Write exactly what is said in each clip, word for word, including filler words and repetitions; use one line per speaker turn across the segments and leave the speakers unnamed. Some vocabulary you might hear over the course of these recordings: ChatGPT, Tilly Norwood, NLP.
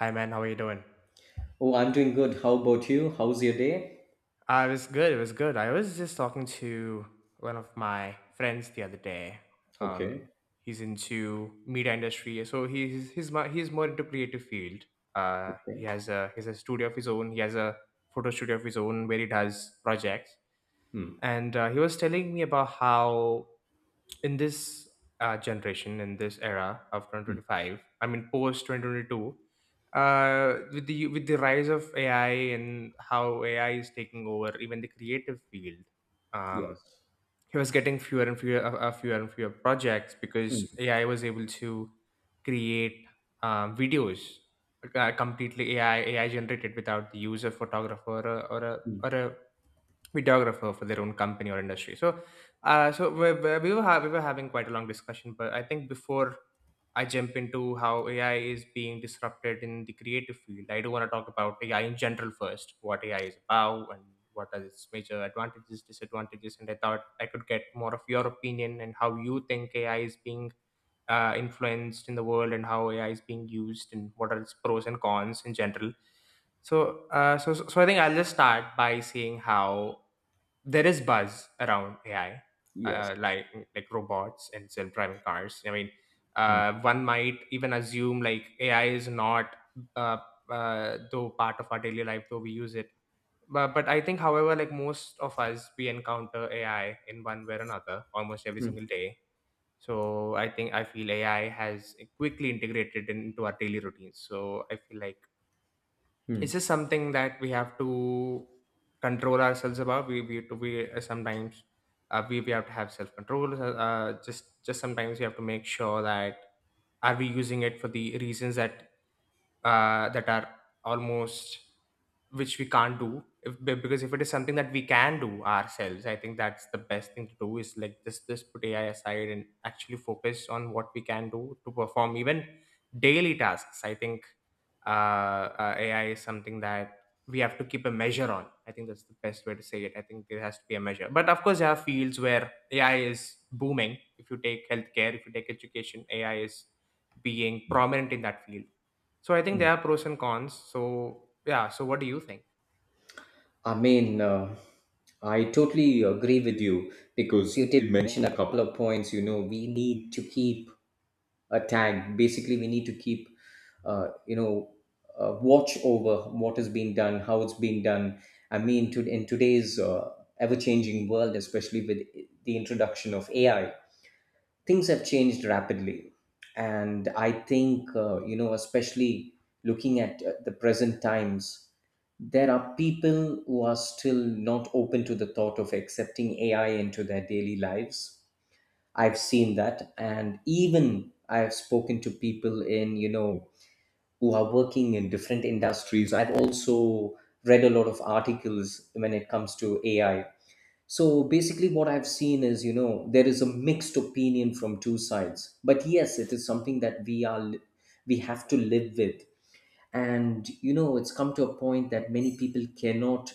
Hi man, how are you doing?
Oh, I'm doing good. How about you? How's your day?
Uh, it was good. It was good. I was just talking to one of my friends the other day. Um,
Okay.
he's into media industry, so he's he's mu- he's more into creative field. Uh, he
Okay.
has a he has a studio of his own. He has a photo studio of his own where he does projects.
Hmm.
And uh, he was telling me about how in this uh, generation, in this era of
Hmm.
twenty twenty-five, I mean post twenty twenty-two, uh, with the with the rise of A I and how A I is taking over even the creative field,
Yes.
um, he was getting fewer and fewer, uh, uh, fewer and fewer projects because
Hmm.
A I was able to create um, videos uh, completely A I A I generated without the use of photographer or a, or a
Hmm.
or a videographer for their own company or industry. So, uh, so we, we we were ha- we were having quite a long discussion, but I think before I jump into how A I is being disrupted in the creative field, I do want to talk about A I in general first, what A I is about and what are its major advantages, disadvantages, and I thought I could get more of your opinion and how you think A I is being uh, influenced in the world and how A I is being used and what are its pros and cons in general. So, uh, so, so so I think I'll just start by saying how there is buzz around A I,
Yes.
uh, like like robots and self-driving cars. I mean,
Hmm.
uh, one might even assume like A I is not uh, uh, though part of our daily life, though we use it. But but I think, however, like most of us, we encounter A I in one way or another almost every
Hmm.
single day. So I think I feel A I has quickly integrated into our daily routines. So I feel like it's
Hmm.
just something that we have to control ourselves about. We we have to we uh, sometimes uh, we, we have to have self control uh, uh, just just sometimes we have to make sure that are we using it for the reasons that uh, that are almost which we can't do if be- because if it is something that we can do ourselves, I think that's the best thing to do, is like just just put AI aside and actually focus on what we can do to perform even daily tasks. I think uh, uh, AI is something that we have to keep a measure on. I think that's the best way to say it. I think there has to be a measure, but of course there are fields where AI is booming. If you take healthcare, if you take education, AI is being prominent in that field. So I think there are pros and cons. So yeah. So what do you think?
I mean, uh, I totally agree with you because you did mention a couple of points. You know, we need to keep a tag. Basically, we need to keep, uh, you know, uh, watch over what is being done, how it's being done. I mean, to, in today's uh, ever changing world, especially with the introduction of A I, things have changed rapidly, and I think uh, you know, especially looking at uh, the present times, there are people who are still not open to the thought of accepting AI into their daily lives. I've seen that, and even I've spoken to people in, you know, who are working in different industries. I've also read a lot of articles when it comes to AI. So basically, what I've seen is, you know, there is a mixed opinion from two sides. But yes, it is something that we are, li- we have to live with. And, you know, it's come to a point that many people cannot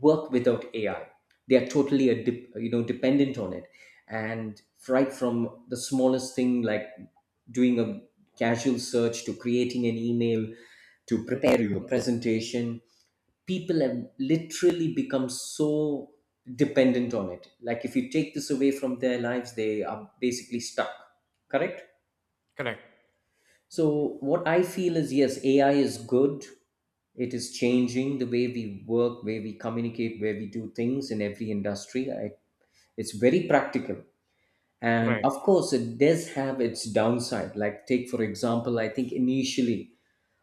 work without A I. They are totally, a dip, you know, dependent on it. And right from the smallest thing like doing a casual search to creating an email to prepare your presentation, people have literally become so dependent on it. Like, if you take this away from their lives, they are basically stuck. Correct?
Correct.
So, what I feel is, yes, A I is good. It is changing the way we work, where we communicate, where we do things in every industry. I, it's very practical. And
Right.
of course, it does have its downside. Like, take for example, I think initially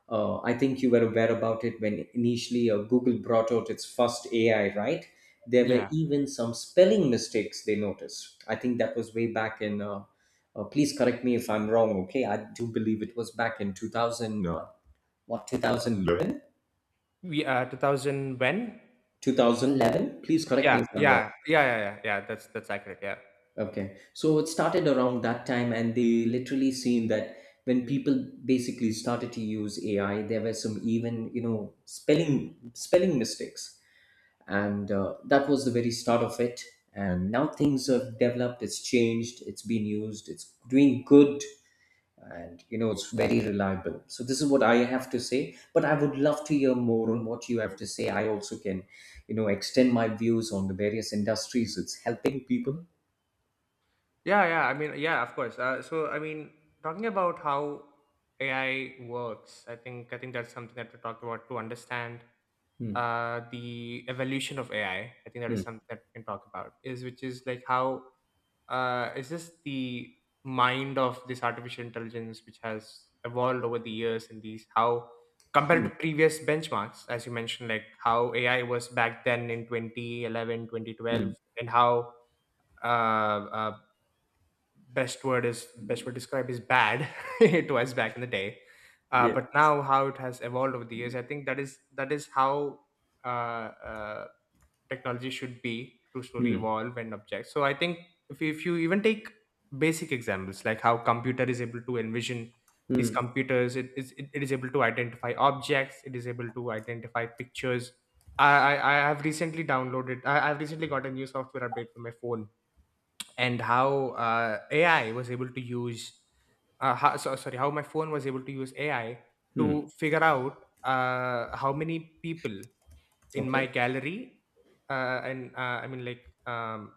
uh, I think you were aware about it when initially uh, Google brought out its first A I, right? There were
Yeah.
even some spelling mistakes they noticed. I think that was way back in, uh, uh, please correct me if I'm wrong, okay? I do believe it was back in two thousand, uh, what, two thousand eleven?
We uh two thousand when?
twenty eleven? Please correct me
Yeah.
if I'm wrong.
Yeah. Yeah. Yeah. Yeah. Yeah. That's that's accurate. Yeah.
Okay. So it started around that time, and they literally seen that when people basically started to use A I, there were some, even you know, spelling spelling mistakes, and uh, that was the very start of it. And now things have developed. It's changed. It's been used. It's doing good, and you know, it's very reliable. So this is what I have to say. But I would love to hear more on what you have to say. I also can, you know, extend my views on the various industries it's helping people.
Yeah. Yeah. I mean, yeah. Of course. Uh, so I mean, talking about how A I works, I think I think that's something that we talk about to understand
Hmm.
uh the evolution of A I. I I think that is
Hmm.
something that we can talk about. Is which is like how uh, it's just the mind of this artificial intelligence which has evolved over the years in these, how compared
Hmm.
to previous benchmarks, as you mentioned, like how AI was back then in twenty eleven, twenty
Hmm.
twelve, and how uh, uh, best word is best word describe is bad it was back in the day, uh, but now how it has evolved over the years. I think that is that is how uh, uh, technology should be, to slowly
Hmm.
evolve and object. So I think if, if you even take basic examples like how computer is able to envision these
Hmm.
computers, it is it, it is able to identify objects, it is able to identify pictures. I, I, I have recently downloaded. I, I've recently got a new software update for my phone and how uh, A I was able to use uh, how, so, sorry how my phone was able to use A I
Mm.
to figure out uh, how many people in my
Okay.
gallery uh, and uh, I mean like um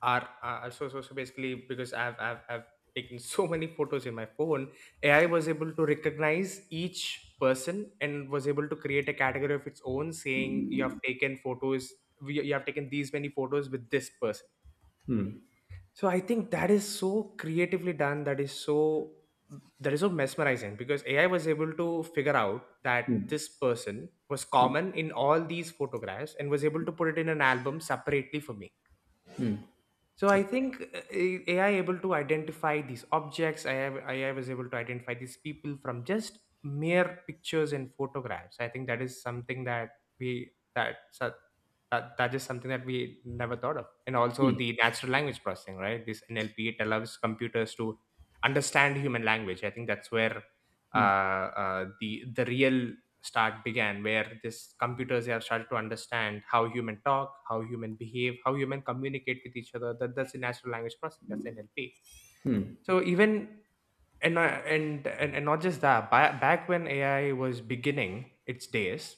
are uh, so, so so basically because I've, I've I've taken so many photos in my phone. AI was able to recognize each person and was able to create a category of its own, saying you have taken photos. You you have taken these many photos with this person.
Hmm.
So I think that is so creatively done. That is so, that is so mesmerizing, because A I was able to figure out that
Hmm.
this person was common in all these photographs and was able to put it in an album separately for me. So I
Okay.
think uh, A- AI able to identify these objects. I have A I, was able to identify these people from just mere pictures and photographs. I think that is something that we that so- that that is something that we never thought of. And also the
Hmm.
natural language processing, right? This N L P, it allows computers to understand human language. I think that's where
Hmm.
uh, uh, the the real start began, where this computers have started to understand how human talk, how human behave, how human communicate with each other. That, that's the natural language processing, that's N L P. So even, and I- and and, and not just that, ba- back when AI was beginning its days,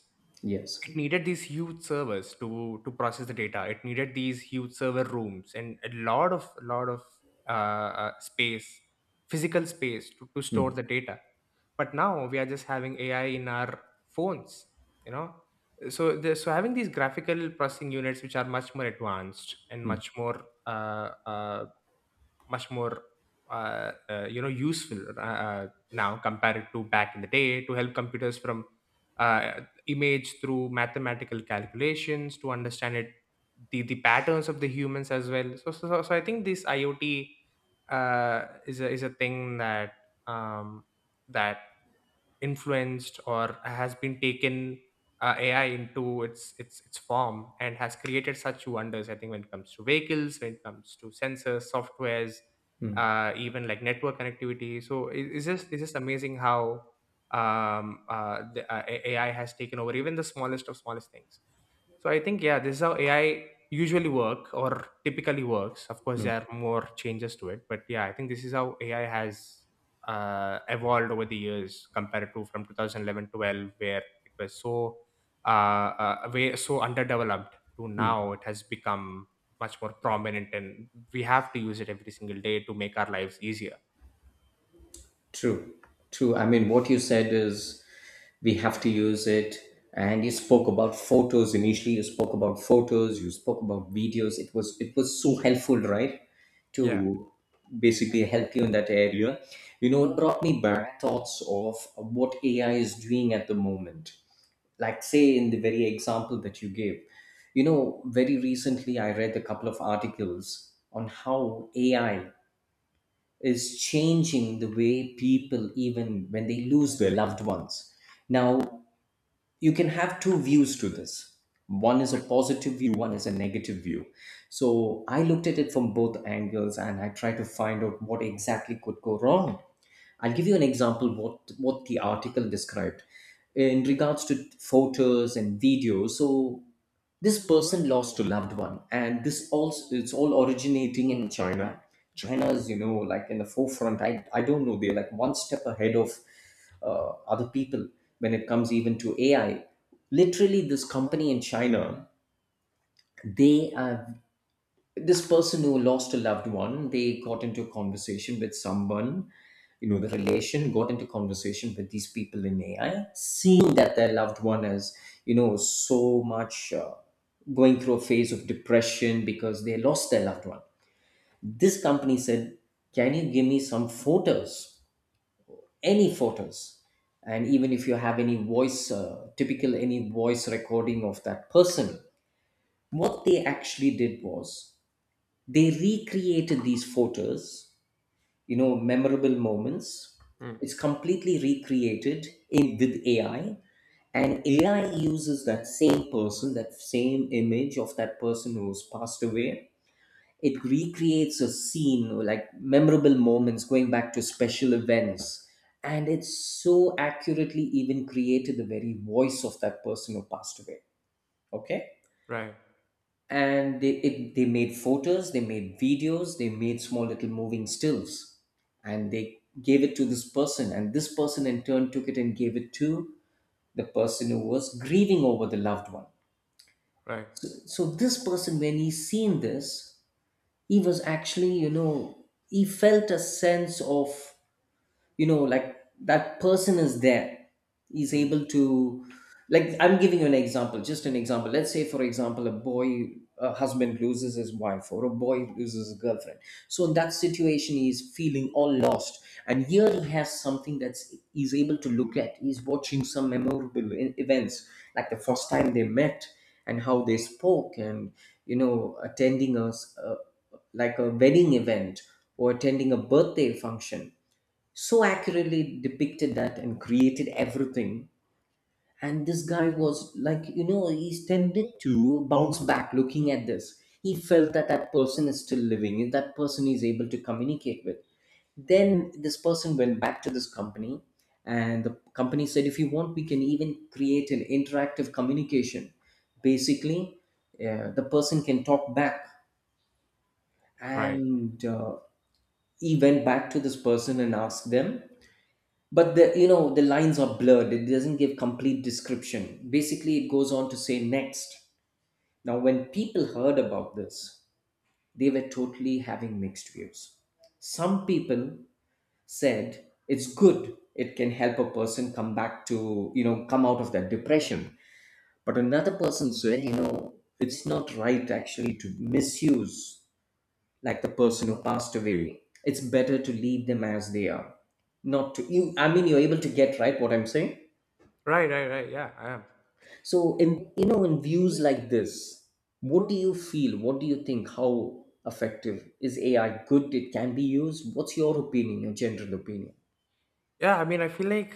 it
Yes.
needed these huge servers to to process the data. It needed these huge server rooms and a lot of lot of uh, uh, space, physical space to, to store
Hmm.
the data. But now we are just having AI in our phones, you know. So the, so having these graphical processing units which are much more advanced and
Hmm.
much more uh, uh, much more uh, uh, you know useful. Uh, uh, now, compared to back in the day, to help computers from uh, image through mathematical calculations to understand it, the, the patterns of the humans as well. So so, so so I think this I o T uh, is a, is a thing that um, that influenced or has been taken uh, A I into its its its form and has created such wonders. I think when it comes to vehicles, when it comes to sensors, softwares,
Hmm.
uh, even like network connectivity. So it- it's just it's just amazing how um, uh, the uh, A- AI has taken over even the smallest of smallest things. So I think yeah, this is how A I usually work or typically works. Of course, there are more changes to it, but yeah, I think this is how A I has uh, evolved over the years, compared to from twenty eleven-twelve, where it was so uh, uh, way so underdeveloped. To now it has become much more prominent and we have to use it every single day to make our lives easier.
True. True. I mean, what you said is we have to use it. And you spoke about photos initially. You spoke about photos. You spoke about videos. It was it was so helpful, right?
Yeah.
To basically help you in that area. You know, it brought me back thoughts of what A I is doing at the moment. Like, say in the very example that you gave, you know, very recently I read a couple of articles on how AI is changing the way people, even when they lose their loved ones. Now, you can have two views to this. One is a positive view, one is a negative view. So I looked at it from both angles, and I tried to find out what exactly could go wrong. I'll give you an example, what what the article described in regards to photos and videos. So this person lost a loved one, and this also, it's all originating in China. China is, you know, like in the forefront. I I don't know, they're like one step ahead of uh, other people when it comes even to A I. Literally, this company in China, they have this person who lost a loved one. They got into a conversation with someone, you know, the relation got into conversation with these people in AI, seeing that their loved one is, you know, so much uh, going through a phase of depression because they lost their loved one. This company said, can you give me some photos, any photos, and even if you have any voice, uh, typical any voice recording of that person. What they actually did was they recreated these photos, you know, memorable moments.
Mm.
It's completely recreated in with AI, and AI uses that same person, that same image of that person who's passed away. It recreates a scene or like memorable moments, going back to special events. And it's so accurately even created the very voice of that person who passed away. Okay.
Right.
And they it, they made photos, they made videos, they made small little moving stills, and they gave it to this person, and this person in turn took it and gave it to the person who was grieving over the loved one.
Right.
So, so this person, when he seen this, he was actually, you know, he felt a sense of, you know, like that person is there. He's
Mm.
able to, like, I'm giving you an example, just an example. Let's say, for example, a boy, a husband loses his wife, or a boy loses a girlfriend. So in that situation, he's feeling all lost, and here he has something that's, he's able to look at, he's watching some memorable e- events, like the first time they met, and how they spoke, and you know, attending a, s- a- like a wedding event, or attending a birthday function, so accurately depicted that and created everything. And this guy was like, you know, he's tended to bounce back looking at this. He felt that that person is still living, and that person is able to communicate with. Then this person went back to this company, and the company said, if you want, we can even create an interactive communication. Basically, uh, the person can talk back.
right
And uh, he went back to this person and asked them, but the, you know, the lines are blurred, it doesn't give complete description. Basically, it goes on to say next, now when people heard about this, they were totally having mixed views. Some people said it's good, it can help a person come back to, you know, come out of that depression. But another person said, you know, it's not right actually to misuse, like, the person who passed away, it's better to leave them as they are, not to, you, I mean, you're able to get right what I'm saying.
right right right Yeah, I am.
So, in, you know, in views like this, what do you feel? What do you think? How effective is A I? Good? It can be used. What's your opinion? Your general opinion?
Yeah, I mean, I feel like,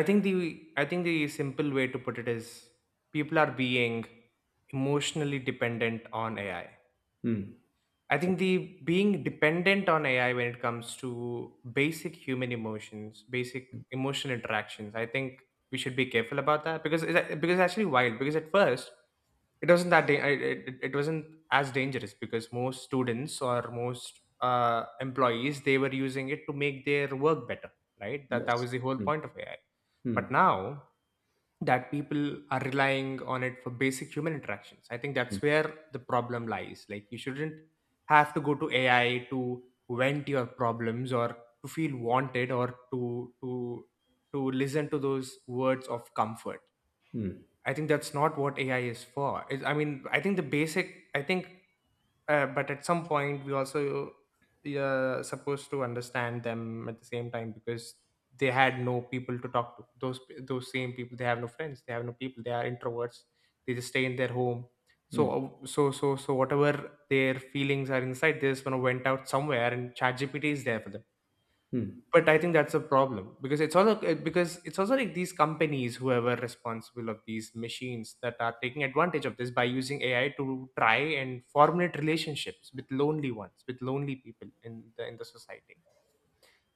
i think the I think the simple way to put it is people are being emotionally dependent on AI.
Hmm.
I think the being dependent on A I when it comes to basic human emotions, basic emotional interactions, I think we should be careful about that, because it's, a- because it's actually wild. Because at first, it wasn't that da- it, it, it wasn't as dangerous, because most students or most uh, employees they were using it to make their work better, right? That that
Yes.
was the whole
Hmm.
point of A I. But
Hmm.
now that people are relying on it for basic human interactions. I think that's
Hmm.
where the problem lies. Like you shouldn't have to go to A I to vent your problems, or to feel wanted, or to to to listen to those words of comfort.
Hmm.
I think that's not what A I is for. It's, I mean, I think the basic. I think uh, but at some point we also uh, supposed to understand them at the same time because they had no people to talk to, those those same people, they have no friends, they have no people, they are introverts, they just stay in their home. So
Hmm.
uh, so so so whatever their feelings are inside, they just want to went out somewhere and chat gpt is there for them.
Hmm.
But I think that's a problem because it's also uh, because it's also like these companies who are responsible of these machines that are taking advantage of this by using AI to try and formulate relationships with lonely ones, with lonely people in the in the society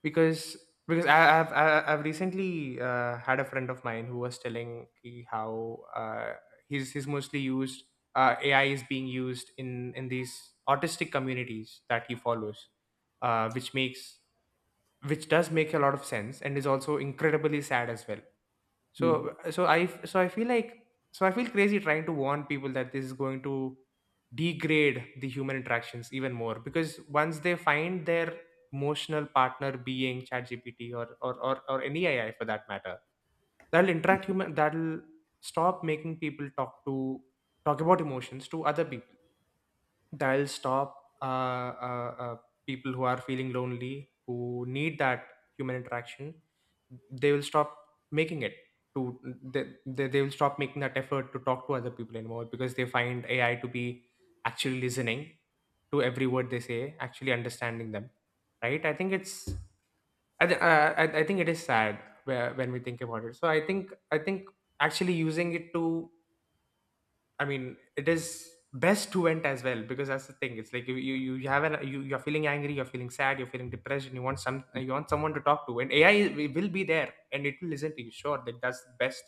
because because I, I've I- I've recently uh, had a friend of mine who was telling me how uh, he's he's mostly used uh, A I is being used in in these autistic communities that he follows, uh, which makes which does make a lot of sense and is also incredibly sad as well.
Hmm.
So so i so I feel like so I feel crazy trying to warn people that this is going to degrade the human interactions even more, because once they find their emotional partner being ChatGPT or or or, or any A I for that matter, that'll interact human, that'll stop making people talk to, talk about emotions to other people, that'll stop uh, uh, uh, people who are feeling lonely, who need that human interaction, they will stop making it to, they, they, they will stop making that effort to talk to other people anymore because they find AI to be actually listening to every word they say, actually understanding them, right? I think it's i, th- uh, I, I think it is sad where, when we think about it. So i think i think actually using it to, I mean, it is best to vent as well, because that's the thing. It's like you you, you you have an you you're feeling angry, you're feeling sad, you're feeling depression. You want some, you want someone to talk to, and AI i- will be there and it will listen to you. Sure, that that's the best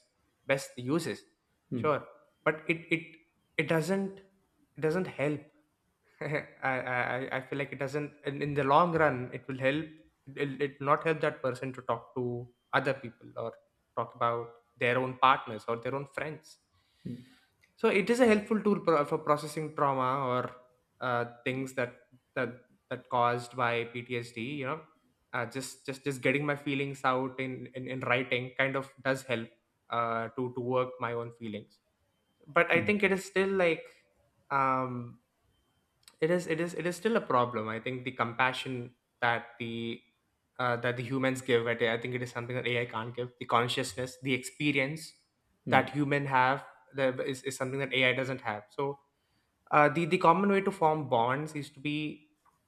best uses.
Hmm.
Sure, but it it it doesn't, it doesn't help. I, I I I feel like it doesn't, in in the long run, it will help, it it not help that person to talk to other people or talk about their own partners or their own friends. So it is a helpful tool pro- for processing trauma or uh, things that that that caused by P T S D. You know, uh, just just just getting my feelings out in in, in writing kind of does help uh, to to work my own feelings. But I think it is still like. Um, it is it is it is still a problem. I think the compassion that the uh, that the humans give at, I think it is something that AI can't give, the consciousness, the experience
Hmm.
that human have, the, is is something that AI doesn't have. So uh, the the common way to form bonds is to be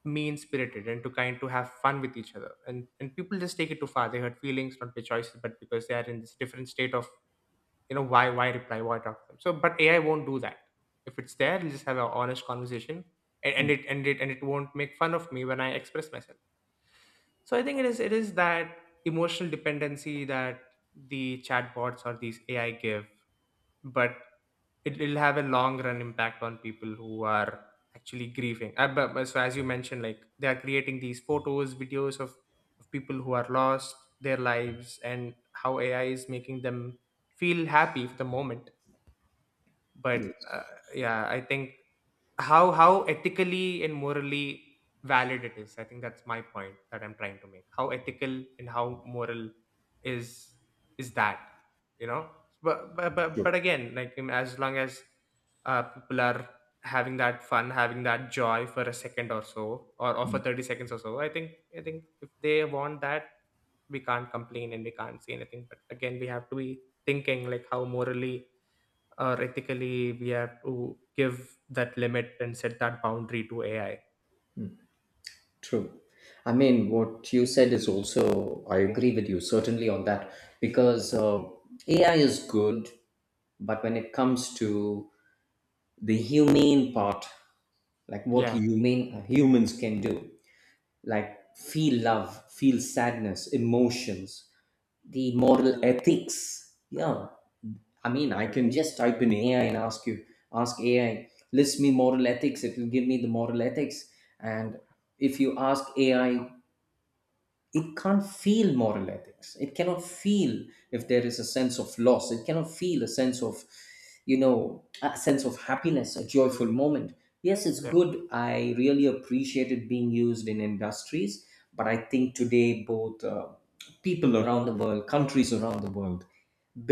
mean spirited and to kind to have fun with each other, and and people just take it too far, they hurt feelings not by choices but because they are in this different state of, you know, why, why reply why talk to them. So but AI won't do that. If it's there, it'll just have an honest conversation, and, and
Hmm.
it and it and it won't make fun of me when I express myself. So I think it is, it is that emotional dependency that the chatbots or these AI give, but it will have a long run impact on people who are actually grieving. Uh, but, but so as you mentioned, like, they are creating these photos, videos of, of people who are lost their lives and how AI is making them feel happy for the moment. But
Yes.
uh, yeah, I think how how ethically and morally valid it is. I think that's my point that I'm trying to make. How ethical and how moral is is that? You know, but but but,
Sure.
but again, like, um, as long as uh, people are having that fun, having that joy for a second or so, or, or for thirty seconds or so, I think, i think if they want that, we can't complain and we can't say anything. But again, we have to be thinking like how morally or ethically we have to give that limit and set that boundary to A I.
True. I mean, what you said is also, I agree with you certainly on that, because uh, A I is good, but when it comes to the humane part, like what
Yeah,
humane humans can do, like feel love, feel sadness, emotions, the moral ethics, yeah, I mean, I can just type in AI and ask you, ask AI, list me moral ethics, it will give me the moral ethics. And if you ask AI, it can't feel moral ethics, it cannot feel, if there is a sense of loss, it cannot feel a sense of, you know, a sense of happiness, a joyful moment. Yes, it's
yeah,
good, I really appreciate it being used in industries, but I think today, both uh, people around the world, countries around the world,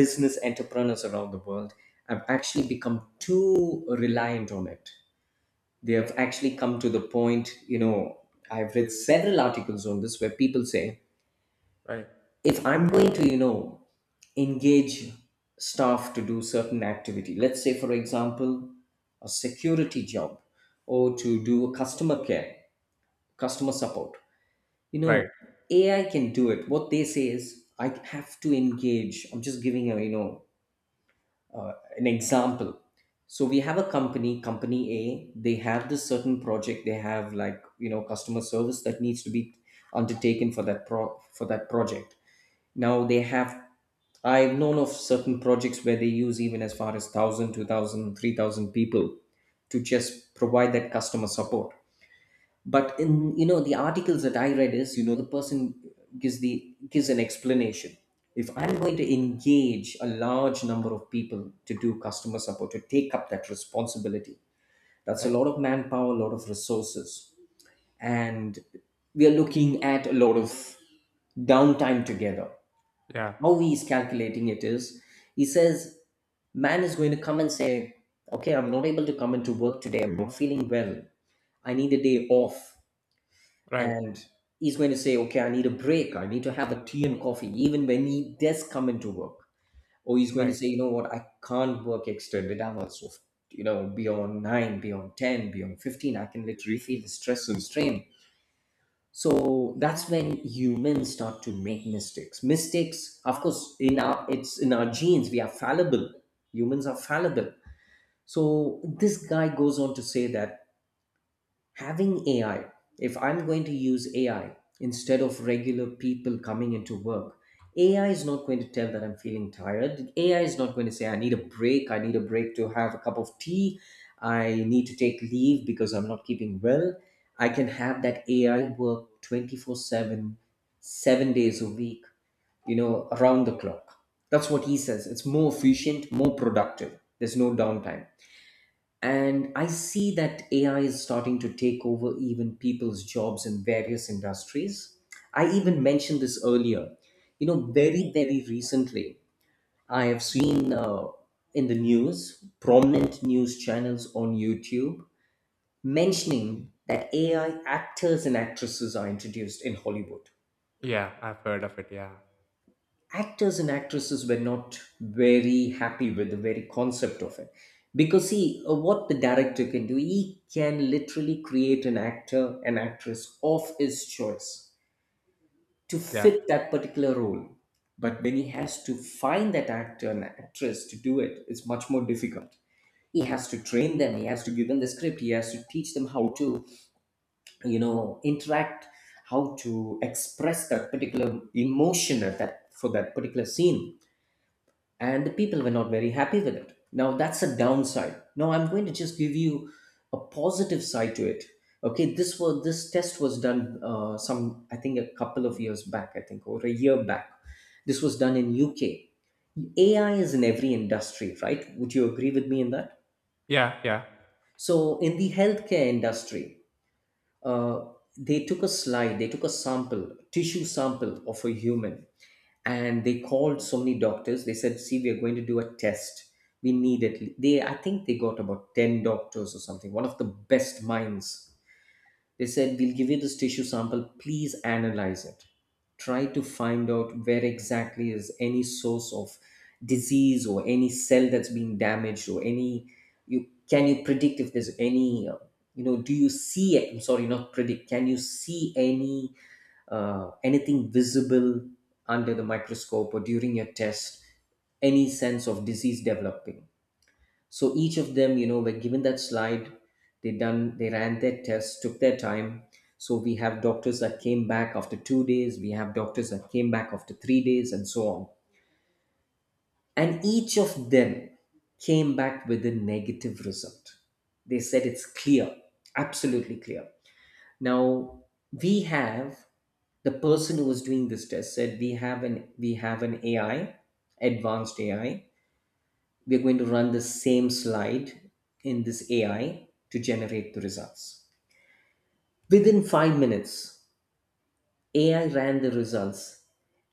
business entrepreneurs around the world, have actually become too reliant on it. They have actually come to the point, you know, I've read several articles on this where people say,
right,
if I'm going to, you know, engage staff to do certain activity, let's say for example, a security job, or to do customer care, customer support, you know,
right,
AI can do it. What they say is, I have to engage, I'm just giving a, you know, an example. So we have a company company A, they have this certain project, they have like, you know, customer service that needs to be undertaken for that pro for that project. Now they have, I've known of certain projects where they use even as far as one thousand, two thousand, three thousand people to just provide that customer support. But in, you know, the articles that I read is, you know, the person gives the, gives an explanation. If I'm going to engage a large number of people to do customer support, to take up that responsibility, that's a lot
right,
of manpower, a lot of resources. And we are looking at a lot of downtime together.
yeah,
How he is calculating it is he says man is going to come and say, "Okay, I'm not able to come into work today. I'm not feeling well. I need a day off."
right,
And he's going to say, "Okay, I need a break. I need to have a tea and coffee," even when he does come into work. Or he's going to
right.
say, "You know what, I can't work extended hours of," you know, beyond nine, beyond ten, beyond fifteen, "I can literally feel the stress and strain." So that's when humans start to make mistakes mistakes Of course in our it's in our genes. We are fallible. Humans are fallible. So this guy goes on to say that having A I, if I'm going to use A I instead of regular people coming into work, A I is not going to tell that I'm feeling tired. A I is not going to say, "I need a break. I need a break to have a cup of tea. I need to take leave because I'm not keeping well. I can have that A I work twenty-four seven, seven days a week," you know, around the clock. That's what he says. It's more efficient, more productive. There's no downtime. And I see that A I is starting to take over even people's jobs in various industries. I even mentioned this earlier. You know, very, very recently, I have seen uh, in the news, prominent news channels on YouTube mentioning that A I actors and actresses are introduced in Hollywood.
Yeah, I've heard of it. Yeah,
Actors and actresses were not very happy with the very concept of it, because see, uh, what the director can do, he can literally create an actor, an actress of his choice to
yeah,
fit that particular role. But when he has to find that actor and actress to do it, it's much more difficult. He has to train them, he has to give them the script, he has to teach them how to, you know, interact, how to express that particular emotion at that, for that particular scene. And the people were not very happy with it. Now that's a downside. Now I'm going to just give you a positive side to it. Okay, this was this test was done, uh, some, I think a couple of years back. I think, or a year back. This was done in U K. A I is in every industry, right? Would you agree with me in that?
yeah, yeah,
So in the healthcare industry, uh, they took a slide, they took a sample, tissue sample of a human, and they called so many doctors. They said, "See, we are going to do a test. We need at," they, I think they got about ten doctors or something, one of the best minds. They said, "We'll give you this tissue sample. Please analyze it. Try to find out where exactly is any source of disease or any cell that's been damaged, or any, you can you predict if there's any, uh, you know, do you see it, I'm sorry, not predict, can you see any uh, anything visible under the microscope or during your test, any sense of disease developing." So each of them, you know, were given that slide. They done, they ran their tests, took their time. So we have doctors that came back after two days. We have doctors that came back after three days, and so on. And each of them came back with a negative result. They said it's clear, absolutely clear. Now, we have the person who was doing this test said, "We have an we have an ai advanced AI. We're going to run the same slide in this AI to generate the results." Within five minutes, AI ran the results,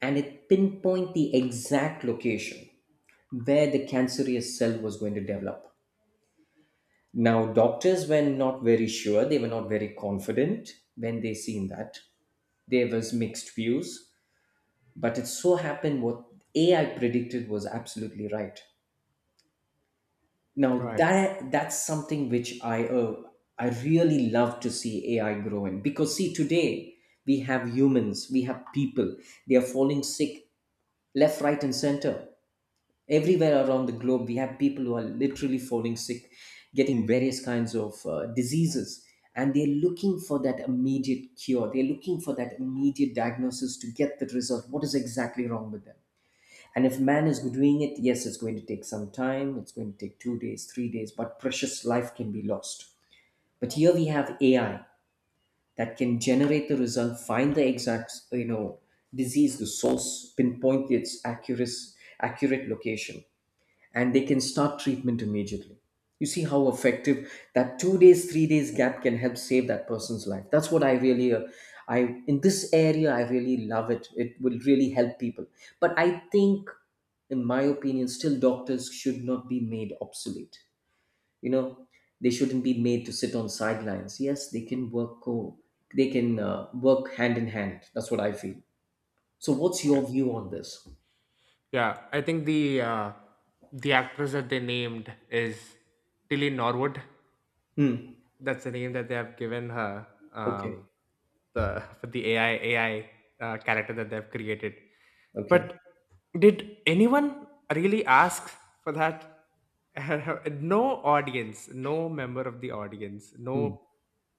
and it pinpointed the exact location where the cancerous cell was going to develop. Now doctors were not very sure, they were not very confident when they seen that. There was mixed views, but it so happened what A I predicted was absolutely right. Now
right.
that, that's something which I uh, I really love to see A I grow in. Because see, today we have humans, we have people. They are falling sick left, right, and center. Everywhere around the globe, we have people who are literally falling sick, getting various kinds of uh, diseases, and they're looking for that immediate cure. They're looking for that immediate diagnosis to get the result. What is exactly wrong with them? And if man is doing it, yes, it's going to take some time. It's going to take two days, three days, but precious life can be lost. But here we have A I that can generate the result, find the exact, you know, disease, the source, pinpoint its accurate, accurate location, and they can start treatment immediately. You see how effective that two days, three days gap can help save that person's life. That's what I really, uh, I, in this area I really love it. It will really help people. But I think, in my opinion, still doctors should not be made obsolete. You know, they shouldn't be made to sit on sidelines. Yes, they can work co, they can uh, work hand in hand. That's what I feel. So, what's
Yeah,
your view on this?
yeah. I think the uh, the actress that they named is Tilly Norwood.
Hmm.
That's the name that they have given her,
Okay.
um, the for the A I A I uh, character that they've created.
Okay.
But did anyone really ask for that? No audience, no member of the audience,
Hmm.
no,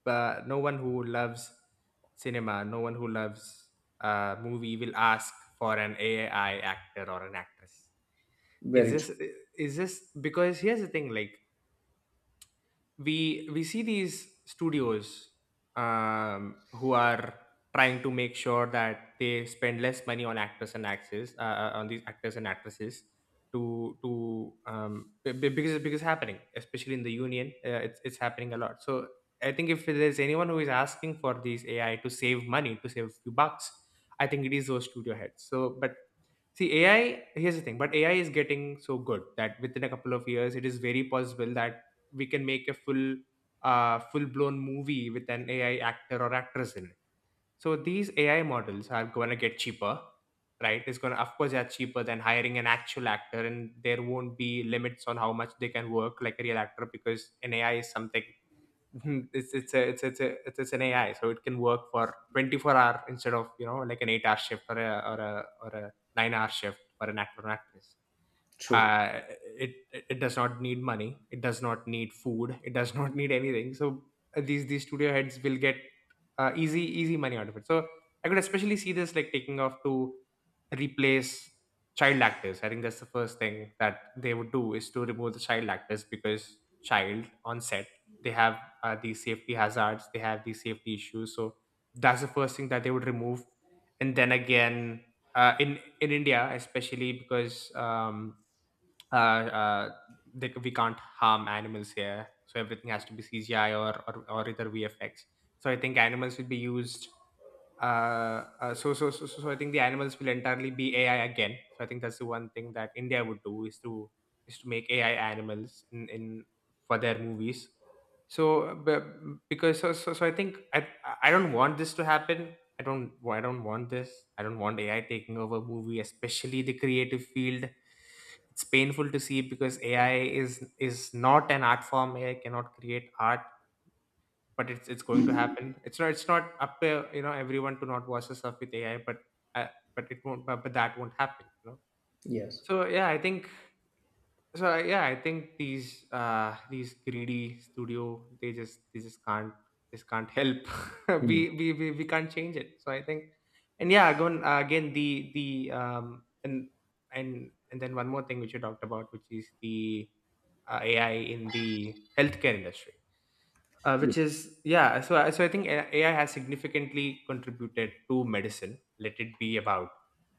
uh, no one who loves cinema, no one who loves uh, movie will ask for an A I actor or an actress. Is
Very
this,
true.
is this because, here's the thing, like we we see these studios, um, who are trying to make sure that they spend less money on actors and actresses, uh, uh, on these actors and actresses to to um, be- be- because because it's happening, especially in the union. uh, it's it's happening a lot, so I think if there's anyone who is asking for these A I to save money, to save a few bucks, I think it is those studio heads. So but, see, A I, here's the thing, but A I is getting so good that within a couple of years, it is very possible that we can make a full, uh, full-blown movie with an A I actor or actress in it. So these A I models are going to get cheaper, right? It's going to, of course, they are cheaper than hiring an actual actor, and there won't be limits on how much they can work like a real actor, because an A I is something, it's it's a it's it's a it's it's an A I, so it can work for twenty-four hour instead of, you know, like an eight hour shift or a or a or a nine hour shift for an actor or an actress.
True.
uh, it it does not need money, it does not need food, it does not need anything. So uh, these these studio heads will get uh, easy easy money out of it. So I could especially see this like taking off to replace child actors. I think that's the first thing that they would do, is to remove the child actors, because child on set, they have uh, these safety hazards, they have these safety issues. So that's the first thing that they would remove. And then again, uh, in in india, especially because um uh, uh, they, we can't harm animals here, so everything has to be C G I or or, or either V F X. So I think animals will be used uh, uh, so, so so so so I think the animals will entirely be A I again. So I think that's the one thing that India would do, is to is to make A I animals in, in for their movies. So but, because so, so so I think I I don't want this to happen. I don't I don't want this. I don't want A I taking over movie, especially the creative field. It's painful to see because A I is, is not an art form. A I cannot create art, but it's it's going to happen. It's not, it's not up to, you know, everyone to not watch the stuff with A I, but uh, but it won't but, but that won't happen, you know.
Yes.
So yeah, I think so I- yeah, I think these uh these greedy studio, they just they just can't, they just can't help.
Mm,
we, we we we can't change it. So I think, and yeah, again, uh, again the the um and and and then one more thing which you talked about, which is the uh, A I in the healthcare industry, uh,
yes,
which is, yeah. So I- so i think A- AI has significantly contributed to medicine, let it be about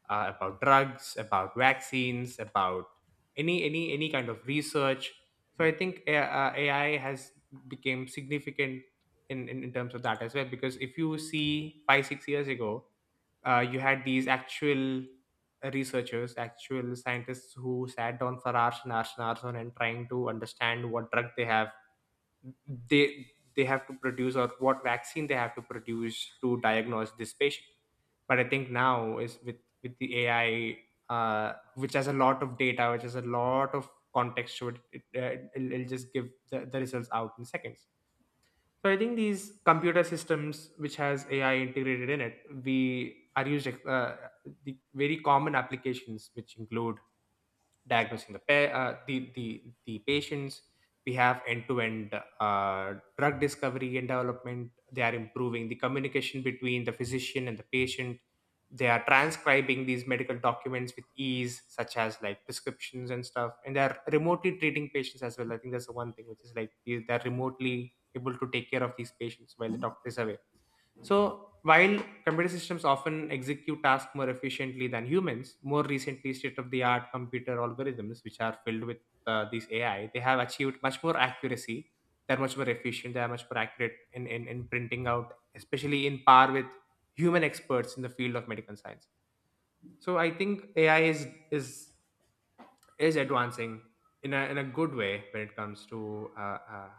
uh, about drugs, about vaccines, about any any any kind of research. So I think A- uh, AI has become significant in, in in terms of that as well. Because if you see five six years ago, uh, you had these actual researchers, actual scientists who sat down for hours and hours and hours on and trying to understand what drug they have, they they have to produce, or what vaccine they have to produce to diagnose this patient. But I think now is with, with the ai, uh, which has a lot of data, which has a lot of context to it, it uh, it'll, it'll just give the, the results out in seconds. So I think these computer systems which has AI integrated in it, we are used, uh, the very common applications which include diagnosing the pa- uh, the, the the patients. We have end-to-end uh, drug discovery and development. They are improving the communication between the physician and the patient. They are transcribing these medical documents with ease, such as like prescriptions and stuff, and they are remotely treating patients as well. I think that's the one thing which is, like, they- they're remotely able to take care of these patients while the doctor is away. So, while computer systems often execute tasks more efficiently than humans, more recently, state of the art computer algorithms, which are filled with uh, these A I, they have achieved much more accuracy. They're much more efficient, they are much more accurate in, in, in printing out, especially in par with human experts in the field of medical science. So, I think A I is, is, is advancing in a, in a good way when it comes to uh, uh,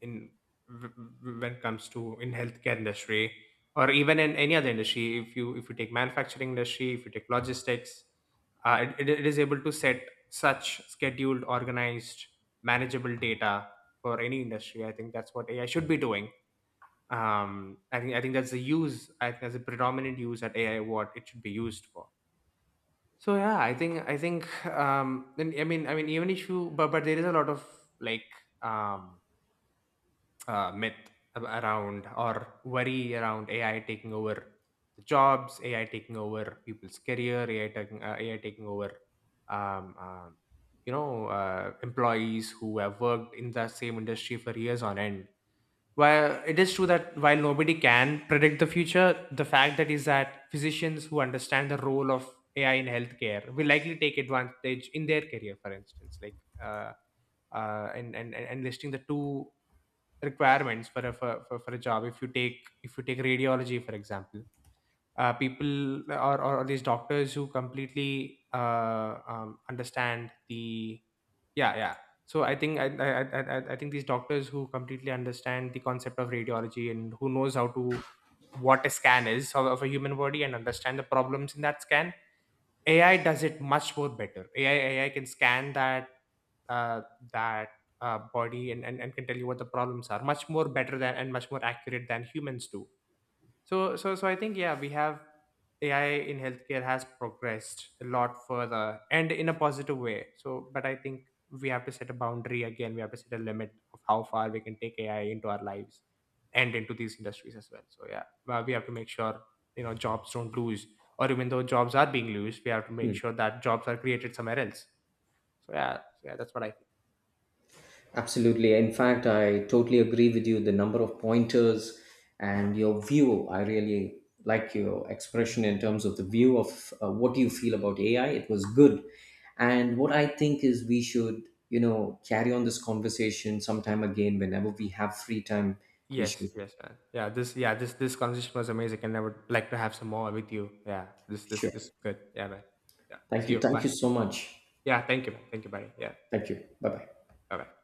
in w- when it comes to in healthcare industry, or even in any other industry. If you, if you take manufacturing industry, if you take logistics, uh, it, it it is able to set such scheduled, organized, manageable data for any industry. I think that's what AI should be doing. Um i think i think that's the use, I think that's the predominant use that AI, what it should be used for. So yeah, I think I think um then I mean I mean even if you, but but there is a lot of, like um uh, myth ab- around, or worry around A I taking over the jobs, A I taking over people's career, A I taking uh, A I taking over um, um you know, uh, employees who have worked in the same industry for years on end. While it is true that, while nobody can predict the future, the fact that is that physicians who understand the role of A I in healthcare will likely take advantage in their career, for instance, like. Uh, uh, and, and and and listing the two requirements for a for, for, for a job, if you, take if you take radiology for example. Uh, people or, or these doctors who completely uh, um, understand the, yeah, yeah. So I think, I, I i i I think these doctors who completely understand the concept of radiology and who knows how to, what a scan is of, of a human body, and understand the problems in that scan, A I does it much more better. A I A I can scan that uh, that uh, body, and, and and can tell you what the problems are much more better than, and much more accurate than humans do. So so so I think, yeah, we have, A I in healthcare has progressed a lot further and in a positive way. So but I think we have to set a boundary again. We have to set a limit of how far we can take A I into our lives and into these industries as well. So yeah, well, we have to make sure, you know, jobs don't lose, or even though jobs are being lost, we have to make
mm.
sure that jobs are created somewhere else. So yeah, so yeah, that's what I.
Absolutely. In fact, I totally agree with you. The number of pointers and your view, I really like your expression in terms of the view of uh, what you feel about A I. It was good. And what I think is we should, you know, carry on this conversation sometime again whenever we have free time. We
Yes,
should.
yes, man. Yeah, this, yeah, this this conversation was amazing, and I would like to have some more with you. Yeah. This, this this is
Sure.
good. Yeah, man. Yeah.
Thank
See
you.
you.
Thank
Bye.
you so much.
Yeah, thank you, man. Thank you, buddy. Yeah.
Thank you. Bye bye.
Bye bye.